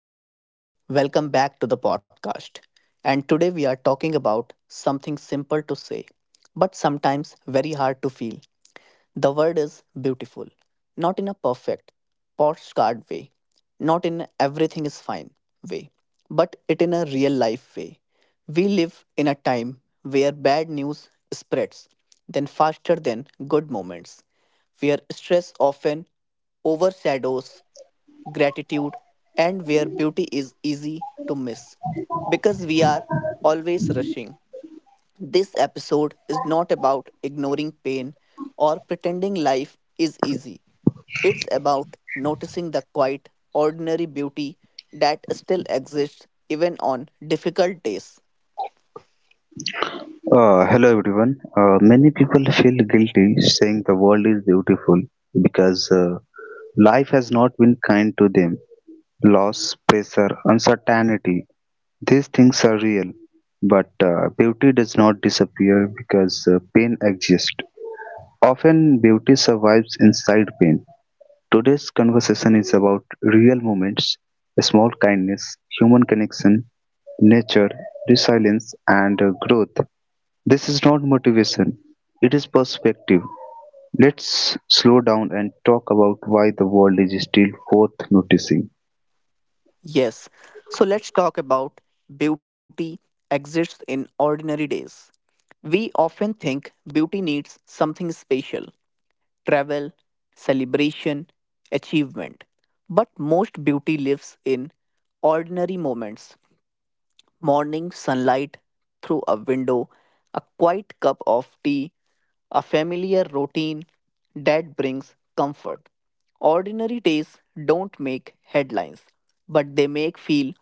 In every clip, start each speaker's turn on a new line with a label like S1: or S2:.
S1: everyone. Welcome back to the podcast. And today we are talking about something simple to say, but sometimes very hard to feel. The word is beautiful, not in a perfect, postcard way, not in everything is fine way, but it in a real life way. We live in a time where bad news spreads, then faster than good moments, where stress often overshadows gratitude, and where beauty is easy to miss because we are always rushing. This episode is not about ignoring pain or pretending life is easy. It's about noticing the quiet, ordinary beauty that still exists even on difficult days.
S2: Hello everyone. Many people feel guilty saying the world is beautiful because life has not been kind to them. Loss, pressure, uncertainty, these things are real. But beauty does not disappear because pain exists. Often, beauty survives inside pain. Today's conversation is about real moments, small kindness, human connection, nature, resilience, and growth. This is not motivation, it is perspective. Let's slow down and talk about why the world is still worth noticing.
S1: Yes, so let's talk about beauty exists in ordinary days. We often think beauty needs something special travel, celebration, achievement. But most beauty lives in ordinary moments morning sunlight through a window, a quiet cup of tea, a familiar routine that brings comfort. Ordinary days don't make headlines, but they make feel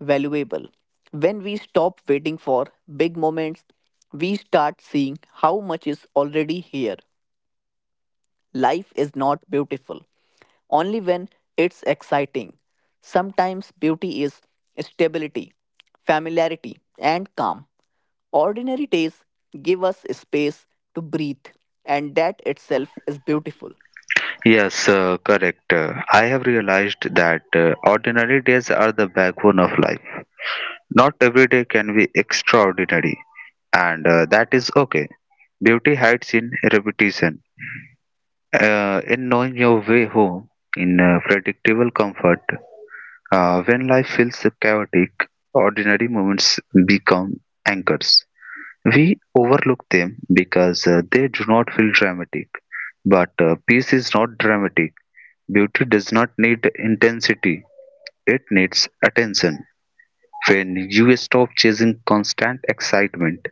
S1: valuable. When we stop waiting for big moments, we start seeing how much is already here. Life is not beautiful only when it's exciting. Sometimes beauty is stability, familiarity, and calm. Ordinary days give us space to breathe, and that itself is beautiful.
S2: Yes, correct. I have realized that ordinary days are the backbone of life. Not every day can be extraordinary, and that is okay. Beauty hides in repetition, in knowing your way home, in predictable comfort. When life feels so chaotic, ordinary moments become anchors. We overlook them because they do not feel dramatic. But peace is not dramatic. Beauty does not need intensity, it needs attention. When you stop chasing constant excitement,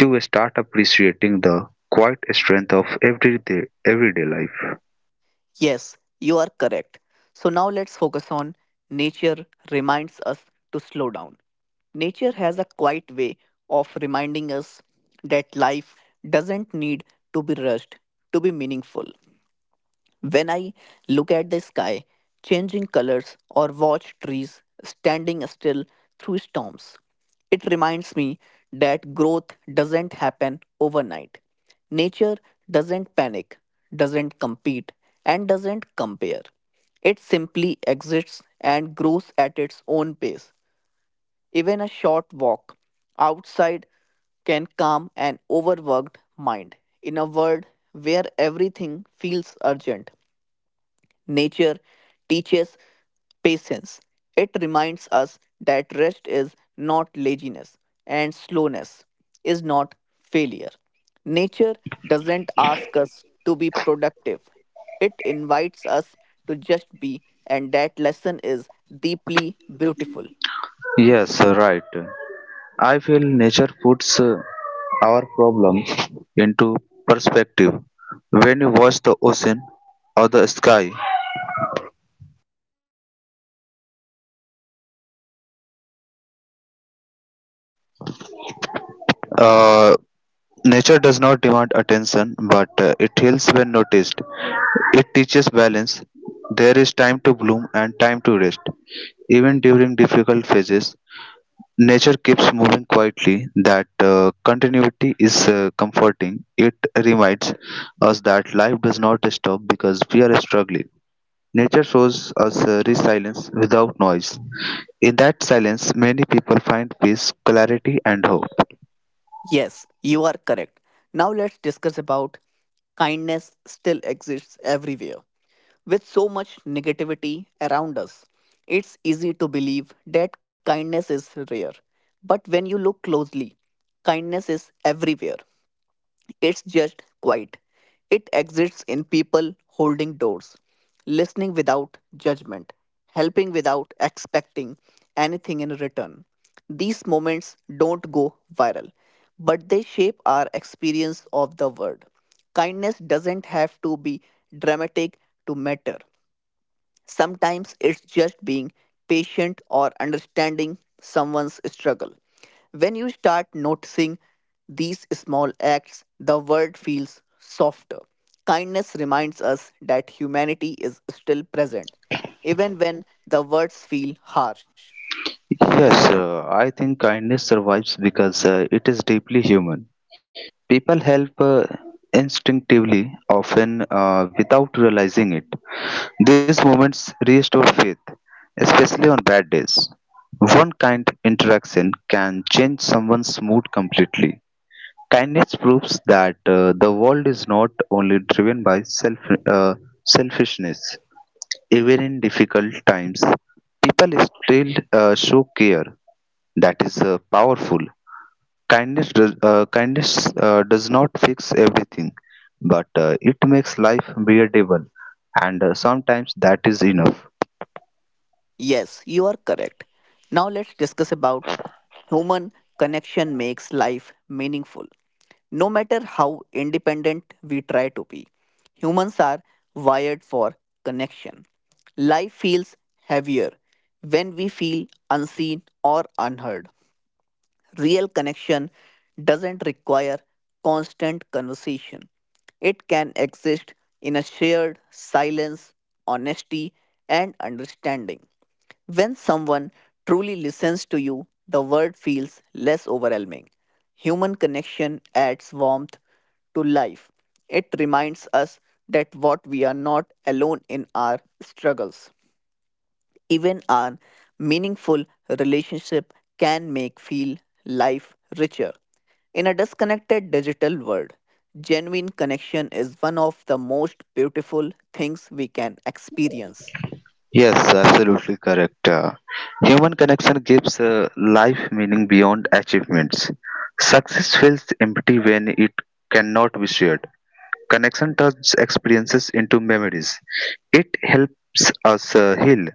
S2: you start appreciating the quiet strength of everyday life.
S1: Yes, you are correct. So now let's focus on nature reminds us to slow down. Nature has a quiet way of reminding us that life doesn't need to be rushed to be meaningful. When I look at the sky changing colors or watch trees standing still through storms, it reminds me that growth doesn't happen overnight. Nature doesn't panic, doesn't compete, and doesn't compare. It simply exists and grows at its own pace. Even a short walk outside can calm an overworked mind in a world where everything feels urgent. Nature teaches patience. It reminds us that rest is not laziness and slowness is not failure. Nature doesn't ask us to be productive, it invites us to just be, and that lesson is deeply beautiful.
S2: Yes, right. I feel nature puts our problems into perspective. When you watch the ocean or the sky, uh, nature does not demand attention, but it heals when noticed. It teaches balance. There is time to bloom and time to rest. Even during difficult phases, nature keeps moving quietly. That continuity is comforting. It reminds us that life does not stop because we are struggling. Nature shows us a resilience without noise. In that silence, many people find peace, clarity, and hope.
S1: Yes, you are correct. Now let's discuss about kindness still exists everywhere. With so much negativity around us, it's easy to believe that kindness is rare. But when you look closely, kindness is everywhere. It's just quiet. It exists in people holding doors, listening without judgment, helping without expecting anything in return. These moments don't go viral, but they shape our experience of the world. Kindness doesn't have to be dramatic to matter. Sometimes it's just being patient or understanding someone's struggle. When you start noticing these small acts, the world feels softer. Kindness reminds us that humanity is still present, even when the words feel harsh.
S2: Yes, I think kindness survives because it is deeply human. People help instinctively, often without realizing it. These moments restore faith, especially on bad days. One kind interaction can change someone's mood completely. Kindness proves that the world is not only driven by uh, selfishness. Even in difficult times, people still show care that is powerful. Kindness does not fix everything, but it makes life bearable, and sometimes that is enough.
S1: Yes, you are correct. Now let's discuss about human connection makes life meaningful. No matter how independent we try to be, humans are wired for connection. Life feels heavier when we feel unseen or unheard. Real connection doesn't require constant conversation. It can exist in a shared silence, honesty, and understanding. When someone truly listens to you, the world feels less overwhelming. Human connection adds warmth to life. It reminds us that what we are not alone in our struggles. Even our meaningful relationship can make feel life richer. In a disconnected digital world, genuine connection is one of the most beautiful things we can experience.
S2: Yes, absolutely correct. Human connection gives life meaning beyond achievements. Success feels empty when it cannot be shared. Connection turns experiences into memories. It helps us heal,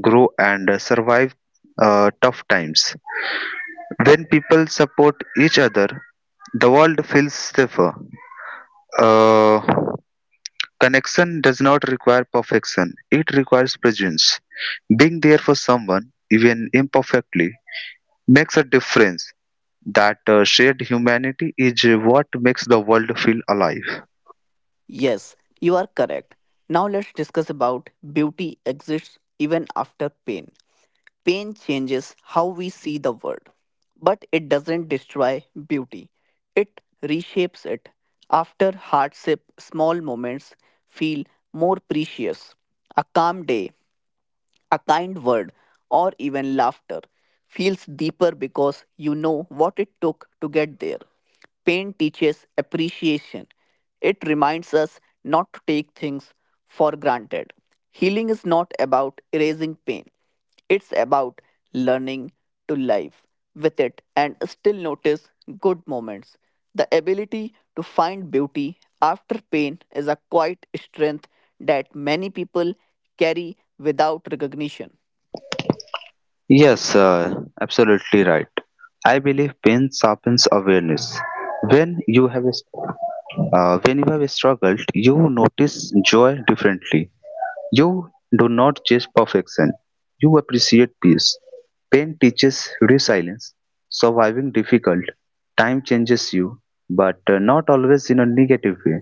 S2: grow, and survive tough times. When people support each other, the world feels safer. Uh, Connection does not require perfection, it requires presence. Being there for someone, even imperfectly, makes a difference. That shared humanity is what makes the world feel alive.
S1: Yes, you are correct. Now let's discuss about beauty exists even after pain. Pain changes how we see the world, but it doesn't destroy beauty. It reshapes it. After hardship, small moments feel more precious. A calm day, a kind word or even laughter feels deeper because you know what it took to get there. Pain teaches appreciation. It reminds us not to take things for granted. Healing is not about erasing pain, it's about learning to live with it and still notice good moments. The ability to find beauty after pain is a quiet strength that many people carry without recognition.
S2: Yes, absolutely right. I believe pain sharpens awareness. When you have a- when you have struggled, you notice joy differently. You do not chase perfection, you appreciate peace. Pain teaches resilience, surviving difficult. Time changes you, but not always in a negative way.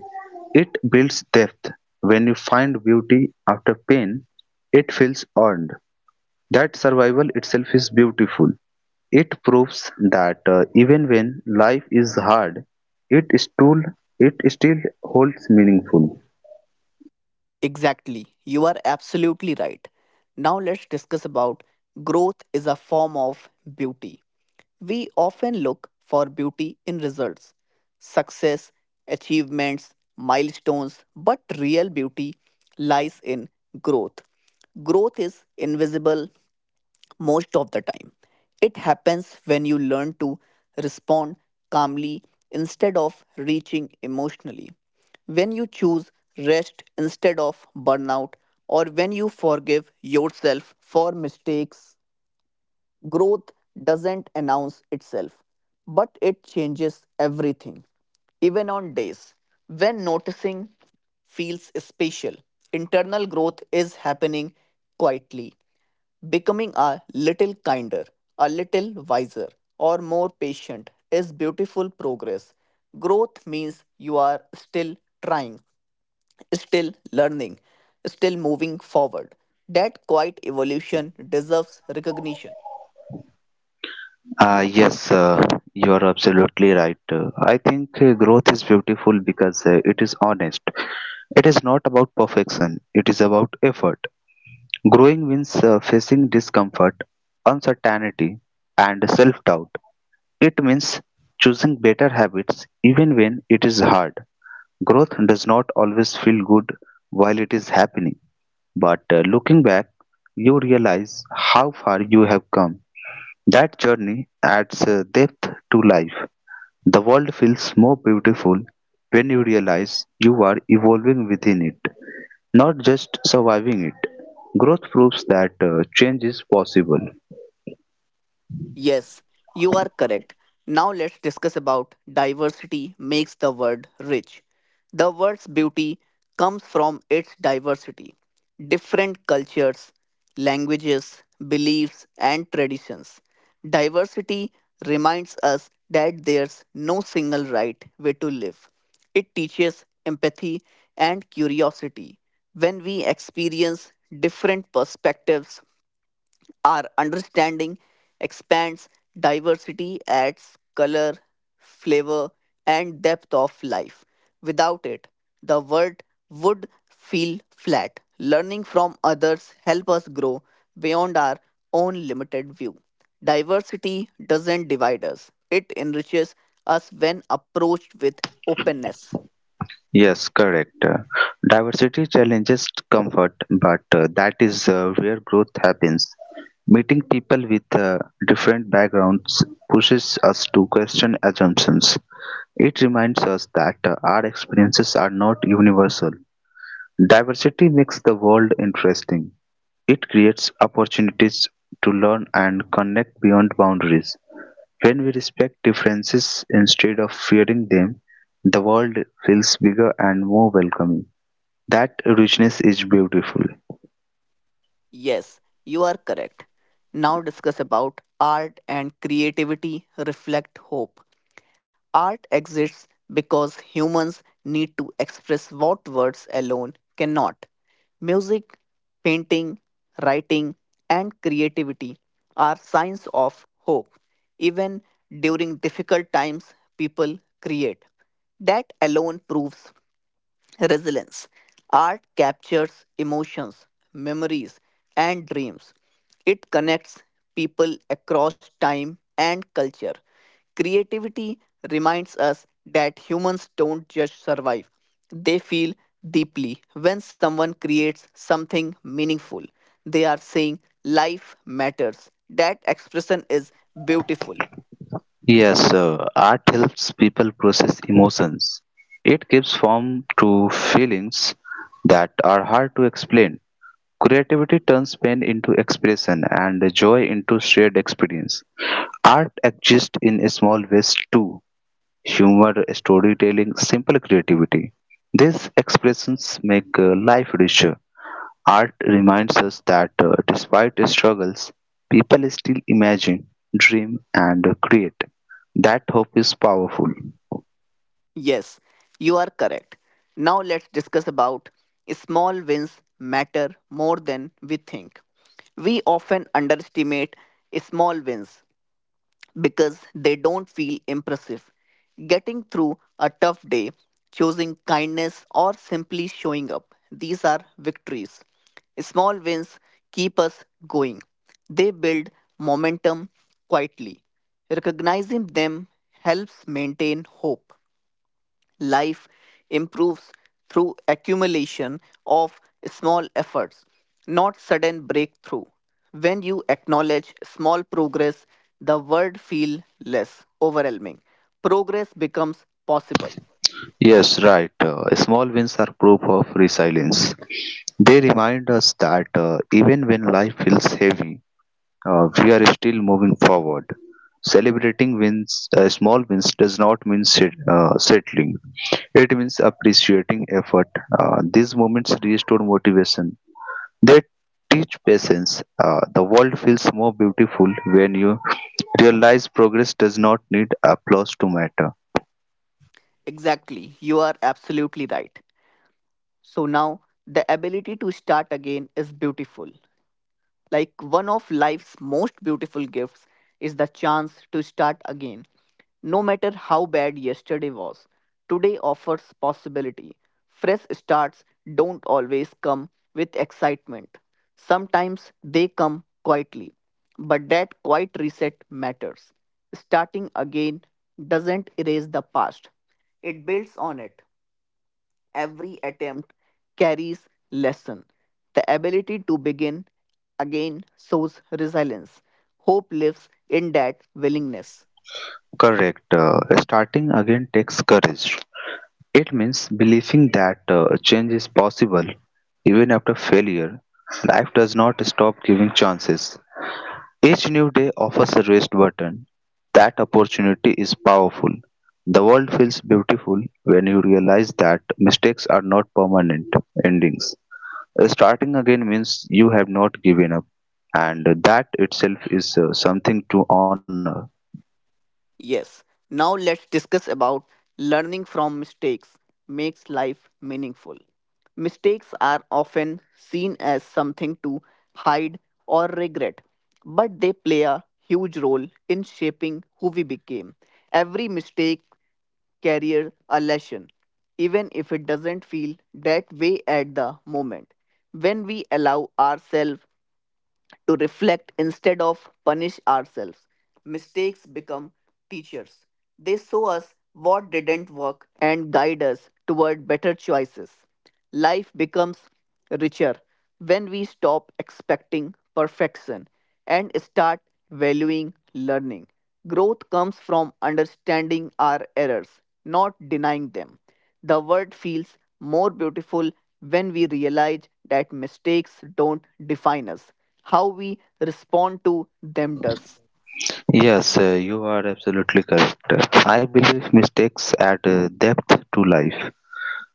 S2: It builds depth. When you find beauty after pain, it feels earned. That survival itself is beautiful. It proves that even when life is hard, it still, it still holds meaningful.
S1: Exactly. You are absolutely right. Now let's discuss about growth is a form of beauty. We often look for beauty in results, success, achievements, milestones, but real beauty lies in growth. Growth is invisible most of the time. It happens when you learn to respond calmly instead of reaching emotionally, when you choose rest instead of burnout, or when you forgive yourself for mistakes. Growth doesn't announce itself, but it changes everything, even on days when noticing feels spatial. Internal growth is happening quietly, becoming a little kinder, a little wiser, or more patient is beautiful progress. Growth means you are still trying, still learning, still moving forward. That quiet evolution deserves recognition.
S2: Yes, you are absolutely right. I think growth is beautiful because it is honest. It is not about perfection, it is about effort. Growing means facing discomfort, uncertainty, and self doubt. It means choosing better habits even when it is hard. Growth does not always feel good while it is happening, but looking back, you realize how far you have come. That journey adds a depth to life. The world feels more beautiful when you realize you are evolving within it, not just surviving it. Growth proves that change is possible.
S1: Yes, you are correct. Now let's discuss about diversity makes the world rich. The word's beauty comes from its diversity. Different cultures, languages, beliefs, and traditions. Diversity reminds us that there's no single right way to live. It teaches empathy and curiosity. When we experience different perspectives, our understanding expands diversity, adds color, flavor, and depth of life. Without it, the world would feel flat. Learning from others help us grow beyond our own limited view. Diversity doesn't divide us, it enriches us when approached with openness.
S2: Yes, correct. Diversity challenges comfort, but that is where growth happens. Meeting people with different backgrounds pushes us to question assumptions. It reminds us that our experiences are not universal. Diversity makes the world interesting. It creates opportunities to learn and connect beyond boundaries. When we respect differences instead of fearing them, the world feels bigger and more welcoming. That richness is beautiful.
S1: Yes, you are correct. Now discuss about art and creativity reflect hope. Art exists because humans need to express what words alone cannot. Music, painting, writing, and creativity are signs of hope. Even during difficult times, people create. That alone proves resilience. Art captures emotions, memories, and dreams. It connects people across time and culture. Creativity reminds us that humans don't just survive, they feel deeply. When someone creates something meaningful, they are saying life matters. That expression is beautiful.
S2: Yes, sir. Art helps people process emotions. It gives form to feelings that are hard to explain. Creativity turns pain into expression and joy into shared experience. Art exists in small ways too: humor, storytelling, simple creativity. These expressions make life richer. Art reminds us that despite struggles, people still imagine, dream, and create. That hope is powerful.
S1: Yes, you are correct. Now let's discuss about small wins matter more than we think. We often underestimate small wins because they don't feel impressive. Getting through a tough day, choosing kindness, or simply showing up, these are victories. Small wins keep us going. They build momentum quietly. Recognizing them helps maintain hope. Life improves through accumulation of small efforts, not sudden breakthrough. When you acknowledge small progress, the world feels less overwhelming. Progress becomes possible.
S2: Yes, right. Small wins are proof of resilience. They remind us that even when life feels heavy, we are still moving forward. Celebrating wins, small wins, does not mean settling. It means appreciating effort. These moments restore motivation. They teach patience. The world feels more beautiful when you realize progress does not need applause to matter.
S1: Exactly, you are absolutely right. So now the ability to start again is beautiful. Like one of life's most beautiful gifts is the chance to start again. No matter how bad yesterday was, today offers possibility. Fresh starts don't always come with excitement. Sometimes they come quietly. But that quiet reset matters. Starting again doesn't erase the past, it builds on it. Every attempt carries lesson. The ability to begin again sows resilience. Hope lives in that willingness.
S2: Correct. Starting again takes courage. It means believing that change is possible even after failure. Life does not stop giving chances. Each new day offers a rest button. That opportunity is powerful. The world feels beautiful when you realize that mistakes are not permanent endings. Starting again means you have not given up, and that itself is something to honor.
S1: Yes, now let's discuss about learning from mistakes makes life meaningful. Mistakes are often seen as something to hide or regret, but they play a huge role in shaping who we became. Every mistake carries a lesson, even if it doesn't feel that way at the moment. When we allow ourselves to reflect instead of punish ourselves. Mistakes become teachers. They show us what didn't work and guide us toward better choices. Life becomes richer when we stop expecting perfection and start valuing learning. Growth comes from understanding our errors, not denying them. The world feels more beautiful when we realize that mistakes don't define us. How we respond to them does.
S2: Yes, you are absolutely correct. I believe mistakes add depth to life.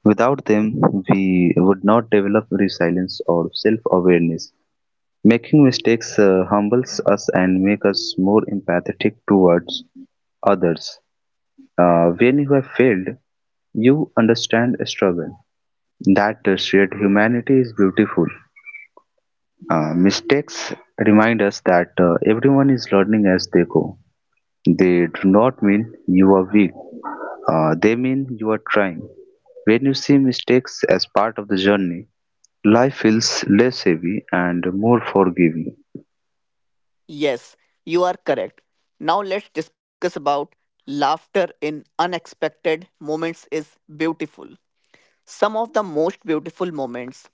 S2: Without them, we would not develop resilience or self awareness. Making mistakes humbles us and make us more empathetic towards others. When you have failed, you understand struggle. That shared humanity is beautiful. Mistakes remind us that everyone is learning as they go. They do not mean you are weak. They mean you are trying. When you see mistakes as part of the journey, life feels less heavy and more forgiving.
S1: Yes, you are correct. Now let's discuss about laughter in unexpected moments is beautiful. Some of the most beautiful moments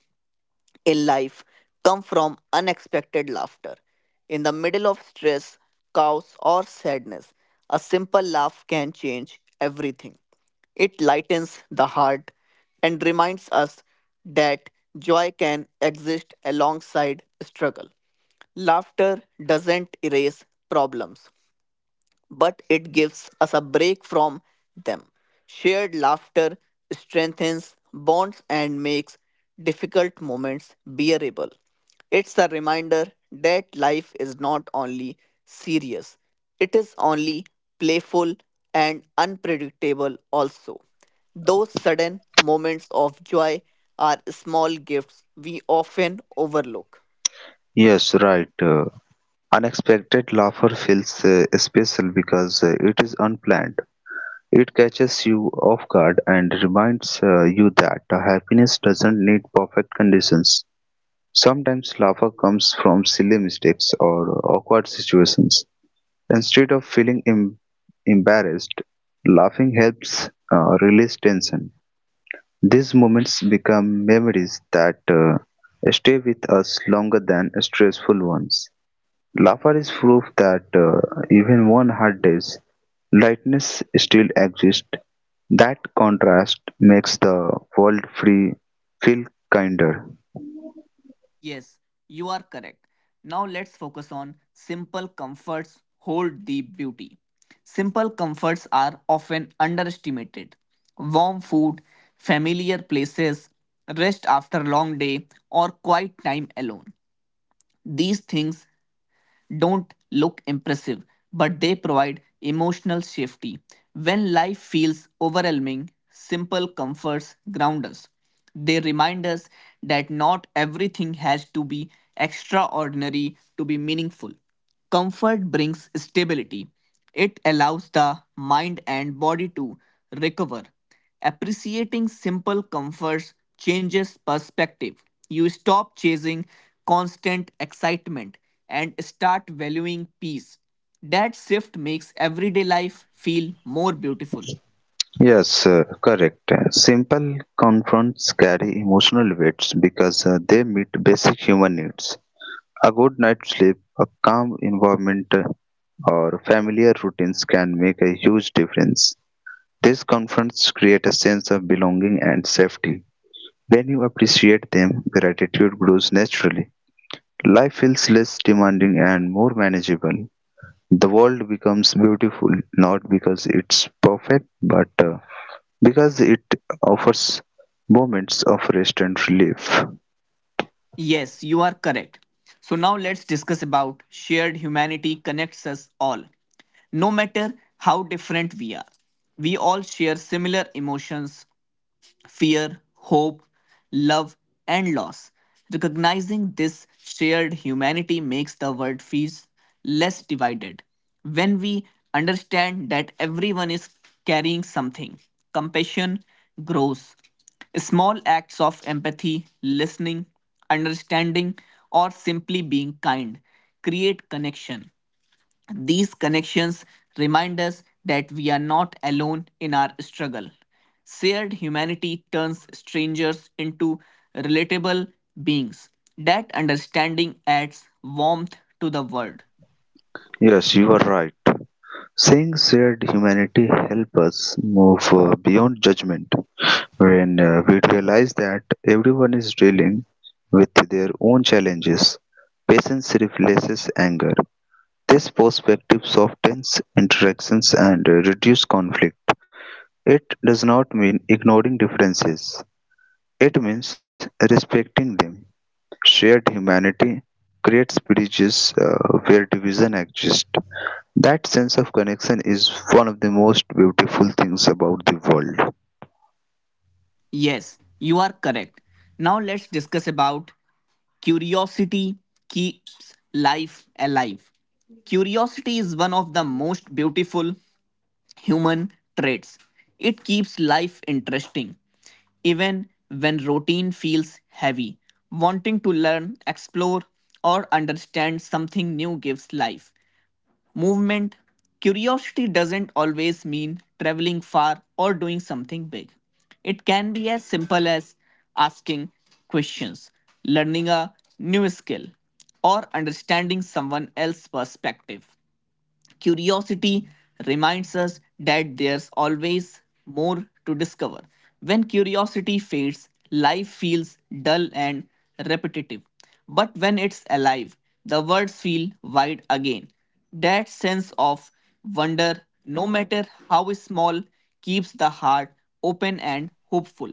S1: in life come from unexpected laughter. In the middle of stress, chaos, or sadness, a simple laugh can change everything. It lightens the heart and reminds us that joy can exist alongside struggle. Laughter doesn't erase problems, but it gives us a break from them. Shared laughter strengthens bonds and makes difficult moments bearable. It's a reminder that life is not only serious, it is only playful and unpredictable also. Those sudden moments of joy are small gifts we often overlook.
S2: Yes, right. Unexpected laughter feels special because it is unplanned. It catches you off guard and reminds you that happiness doesn't need perfect conditions. Sometimes laughter comes from silly mistakes or awkward situations. Instead of feeling embarrassed, laughing helps release tension. These moments become memories that stay with us longer than stressful ones. Laffer is proof that even on hard days, lightness still exists. That contrast makes the world free feel kinder.
S1: Yes, you are correct. Now let's focus on simple comforts hold deep beauty. Simple comforts are often underestimated. Warm food, familiar places, rest after long day, or quiet time alone. These things don't look impressive, but they provide emotional safety. When life feels overwhelming, simple comforts ground us. They remind us that not everything has to be extraordinary to be meaningful. Comfort brings stability. It allows the mind and body to recover. Appreciating simple comforts changes perspective. You stop chasing constant excitement and start valuing peace. That shift makes everyday life feel more beautiful.
S2: Yes, correct. Simple confronts carry emotional weights because they meet basic human needs. A good night's sleep, a calm environment, or familiar routines can make a huge difference. These confronts create a sense of belonging and safety. When you appreciate them, gratitude grows naturally. Life feels less demanding and more manageable. The world becomes beautiful not because it's perfect, but because it offers moments of rest and relief.
S1: Yes, you are correct. So now let's discuss about shared humanity connects us all. No matter how different we are, we all share similar emotions, fear, hope, love, and loss. Recognizing this shared humanity makes the world feel less divided. When we understand that everyone is carrying something, compassion grows. Small acts of empathy, listening, understanding, or simply being kind create connection. These connections remind us that we are not alone in our struggle. Shared humanity turns strangers into relatable beings. That understanding adds warmth to the world.
S2: Yes, you are right. Saying shared humanity helps us move beyond judgment. When we realize that everyone is dealing with their own challenges, patience replaces anger. This perspective softens interactions and reduces conflict; it does not mean ignoring differences, it means respecting them. Shared humanity creates bridges where division exists. That sense of connection is one of the most beautiful things about the world.
S1: Yes, you are correct. Now let's discuss about curiosity keeps life alive. Curiosity is one of the most beautiful human traits. It keeps life interesting, even when routine feels heavy. Wanting to learn, explore, or understand something new gives life. Movement, curiosity doesn't always mean traveling far or doing something big. It can be as simple as asking questions, learning a new skill, or understanding someone else's perspective. Curiosity reminds us that there's always more to discover. When curiosity fades, life feels dull and repetitive. But when it's alive, the world feels wide again. That sense of wonder, no matter how small, keeps the heart open and hopeful.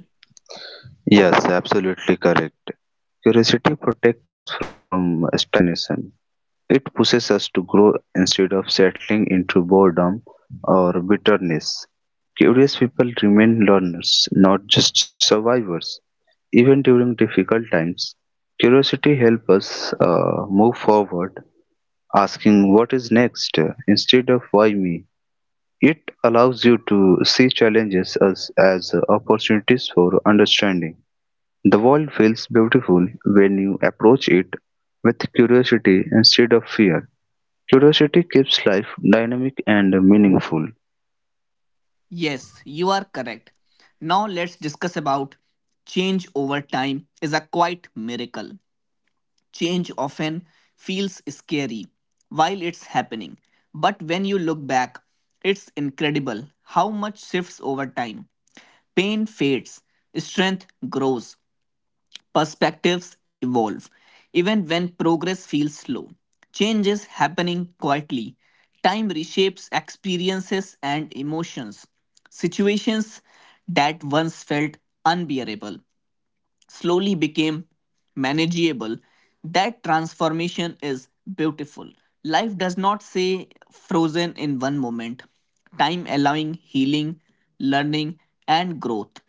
S2: Yes, absolutely correct. Curiosity protects us from stagnation. It pushes us to grow instead of settling into boredom or bitterness. Curious people remain learners, not just survivors. Even during difficult times, curiosity helps us move forward, asking what is next instead of why me. It allows you to see challenges as opportunities for understanding. The world feels beautiful when you approach it with curiosity instead of fear. Curiosity keeps life dynamic and meaningful.
S1: Yes, you are correct. Now let's discuss about change over time is a quite miracle. Change often feels scary while it's happening, but when you look back, it's incredible how much shifts over time. Pain fades, strength grows, perspectives evolve, even when progress feels slow. Change is happening quietly. Time reshapes experiences and emotions, situations that once felt unbearable slowly became manageable, that transformation is beautiful. Life does not say frozen in one moment. Time allowing healing, learning, and growth.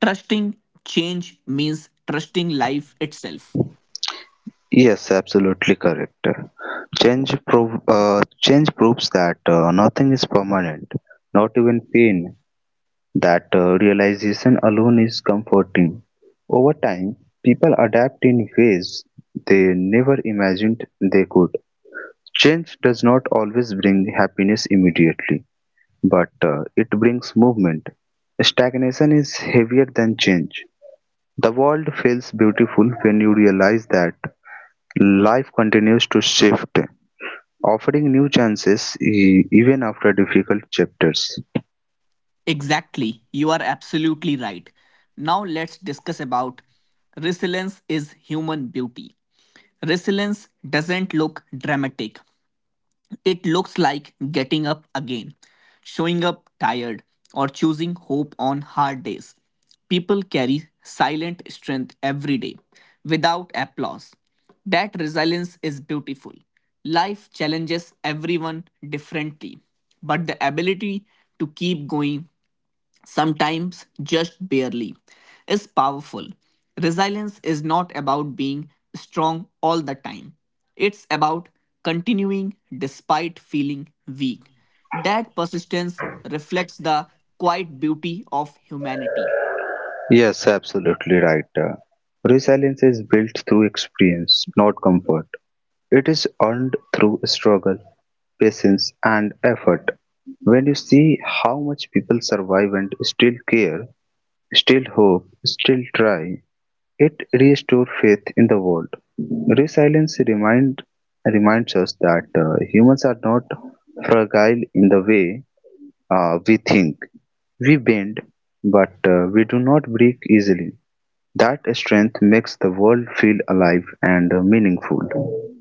S1: Trusting change means trusting life itself.
S2: Yes, absolutely correct. Change proves that nothing is permanent, not even pain. That realization alone is comforting. Over time, people adapt in ways they never imagined they could. Change does not always bring happiness immediately, but it brings movement. Stagnation is heavier than change. The world feels beautiful when you realize that life continues to shift, offering new chances even after difficult chapters.
S1: Exactly, you are absolutely right. Now let's discuss about resilience is human beauty. Resilience doesn't look dramatic. It looks like getting up again, showing up tired, or choosing hope on hard days. People carry silent strength every day without applause. That resilience is beautiful. Life challenges everyone differently, but the ability to keep going sometimes just barely, is powerful. Resilience is not about being strong all the time, it's about continuing despite feeling weak. That persistence reflects the quiet beauty of humanity.
S2: Yes, absolutely right. Resilience is built through experience, not comfort. It is earned through struggle, patience, and effort. When you see how much people survive and still care, still hope, still try, it restored faith in the world. Resilience reminds us that humans are not fragile in the way we think. We bend, but we do not break easily. That strength makes the world feel alive and meaningful.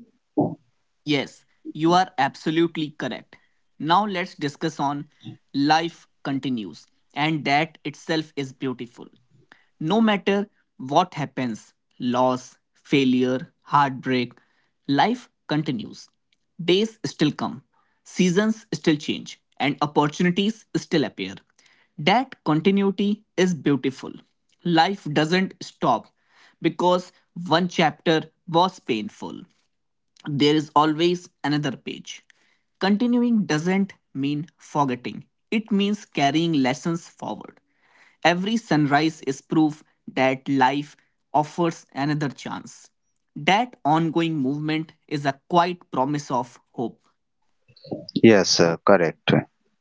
S1: Yes, you are absolutely correct. Now let's discuss on life continues and that itself is beautiful. No matter what happens, loss, failure, heartbreak, life continues. Days still come, seasons still change and opportunities still appear. That continuity is beautiful. Life doesn't stop because one chapter was painful there is always another page. Continuing doesn't mean forgetting, it means carrying lessons forward. Every sunrise is proof that life offers another chance. That ongoing movement is a quiet promise of hope.
S2: Yes, correct.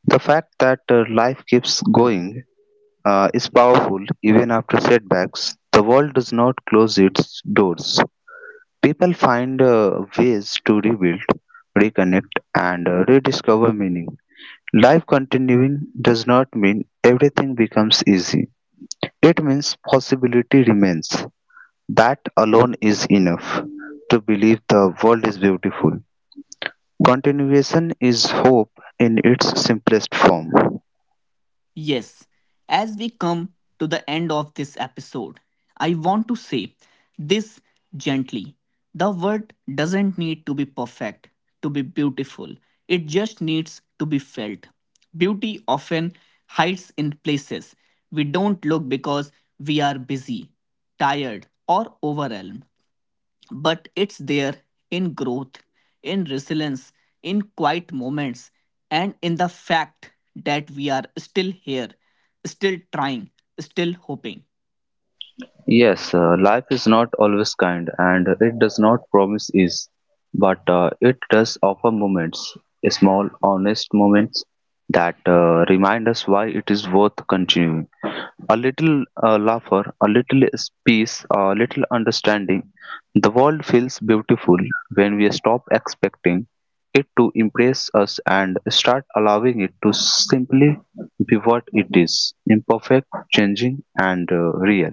S2: The fact that life keeps going is powerful even after setbacks. The world does not close its doors. People find ways to rebuild, reconnect, and rediscover meaning. Life continuing does not mean everything becomes easy. It means possibility remains. That alone is enough to believe the world is beautiful. Continuation is hope in its simplest form.
S1: Yes, as we come to the end of this episode, I want to say this gently. The word doesn't need to be perfect to be beautiful, it just needs to be felt. Beauty often hides in places we don't look because we are busy, tired, or overwhelmed but it's there in growth, in resilience, in quiet moments, and in the fact that we are still here, still trying, still hoping.
S2: Yes, life is not always kind and it does not promise ease, but it does offer moments, small, honest moments that remind us why it is worth continuing. A little laughter, a little peace, a little understanding. The world feels beautiful when we stop expecting it to impress us and start allowing it to simply be what it is: imperfect, changing, and real.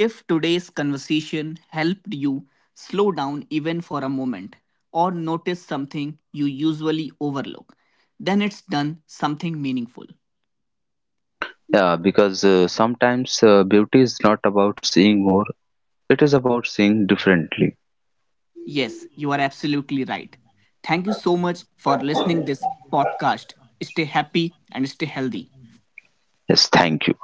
S1: If today's conversation helped you slow down even for a moment or notice something you usually overlook, then it's done something meaningful.
S2: Yeah, because sometimes beauty is not about seeing more, it is about seeing differently.
S1: Yes, you are absolutely right. Thank you so much for listening this podcast. Stay happy and stay healthy.
S2: Yes, thank you.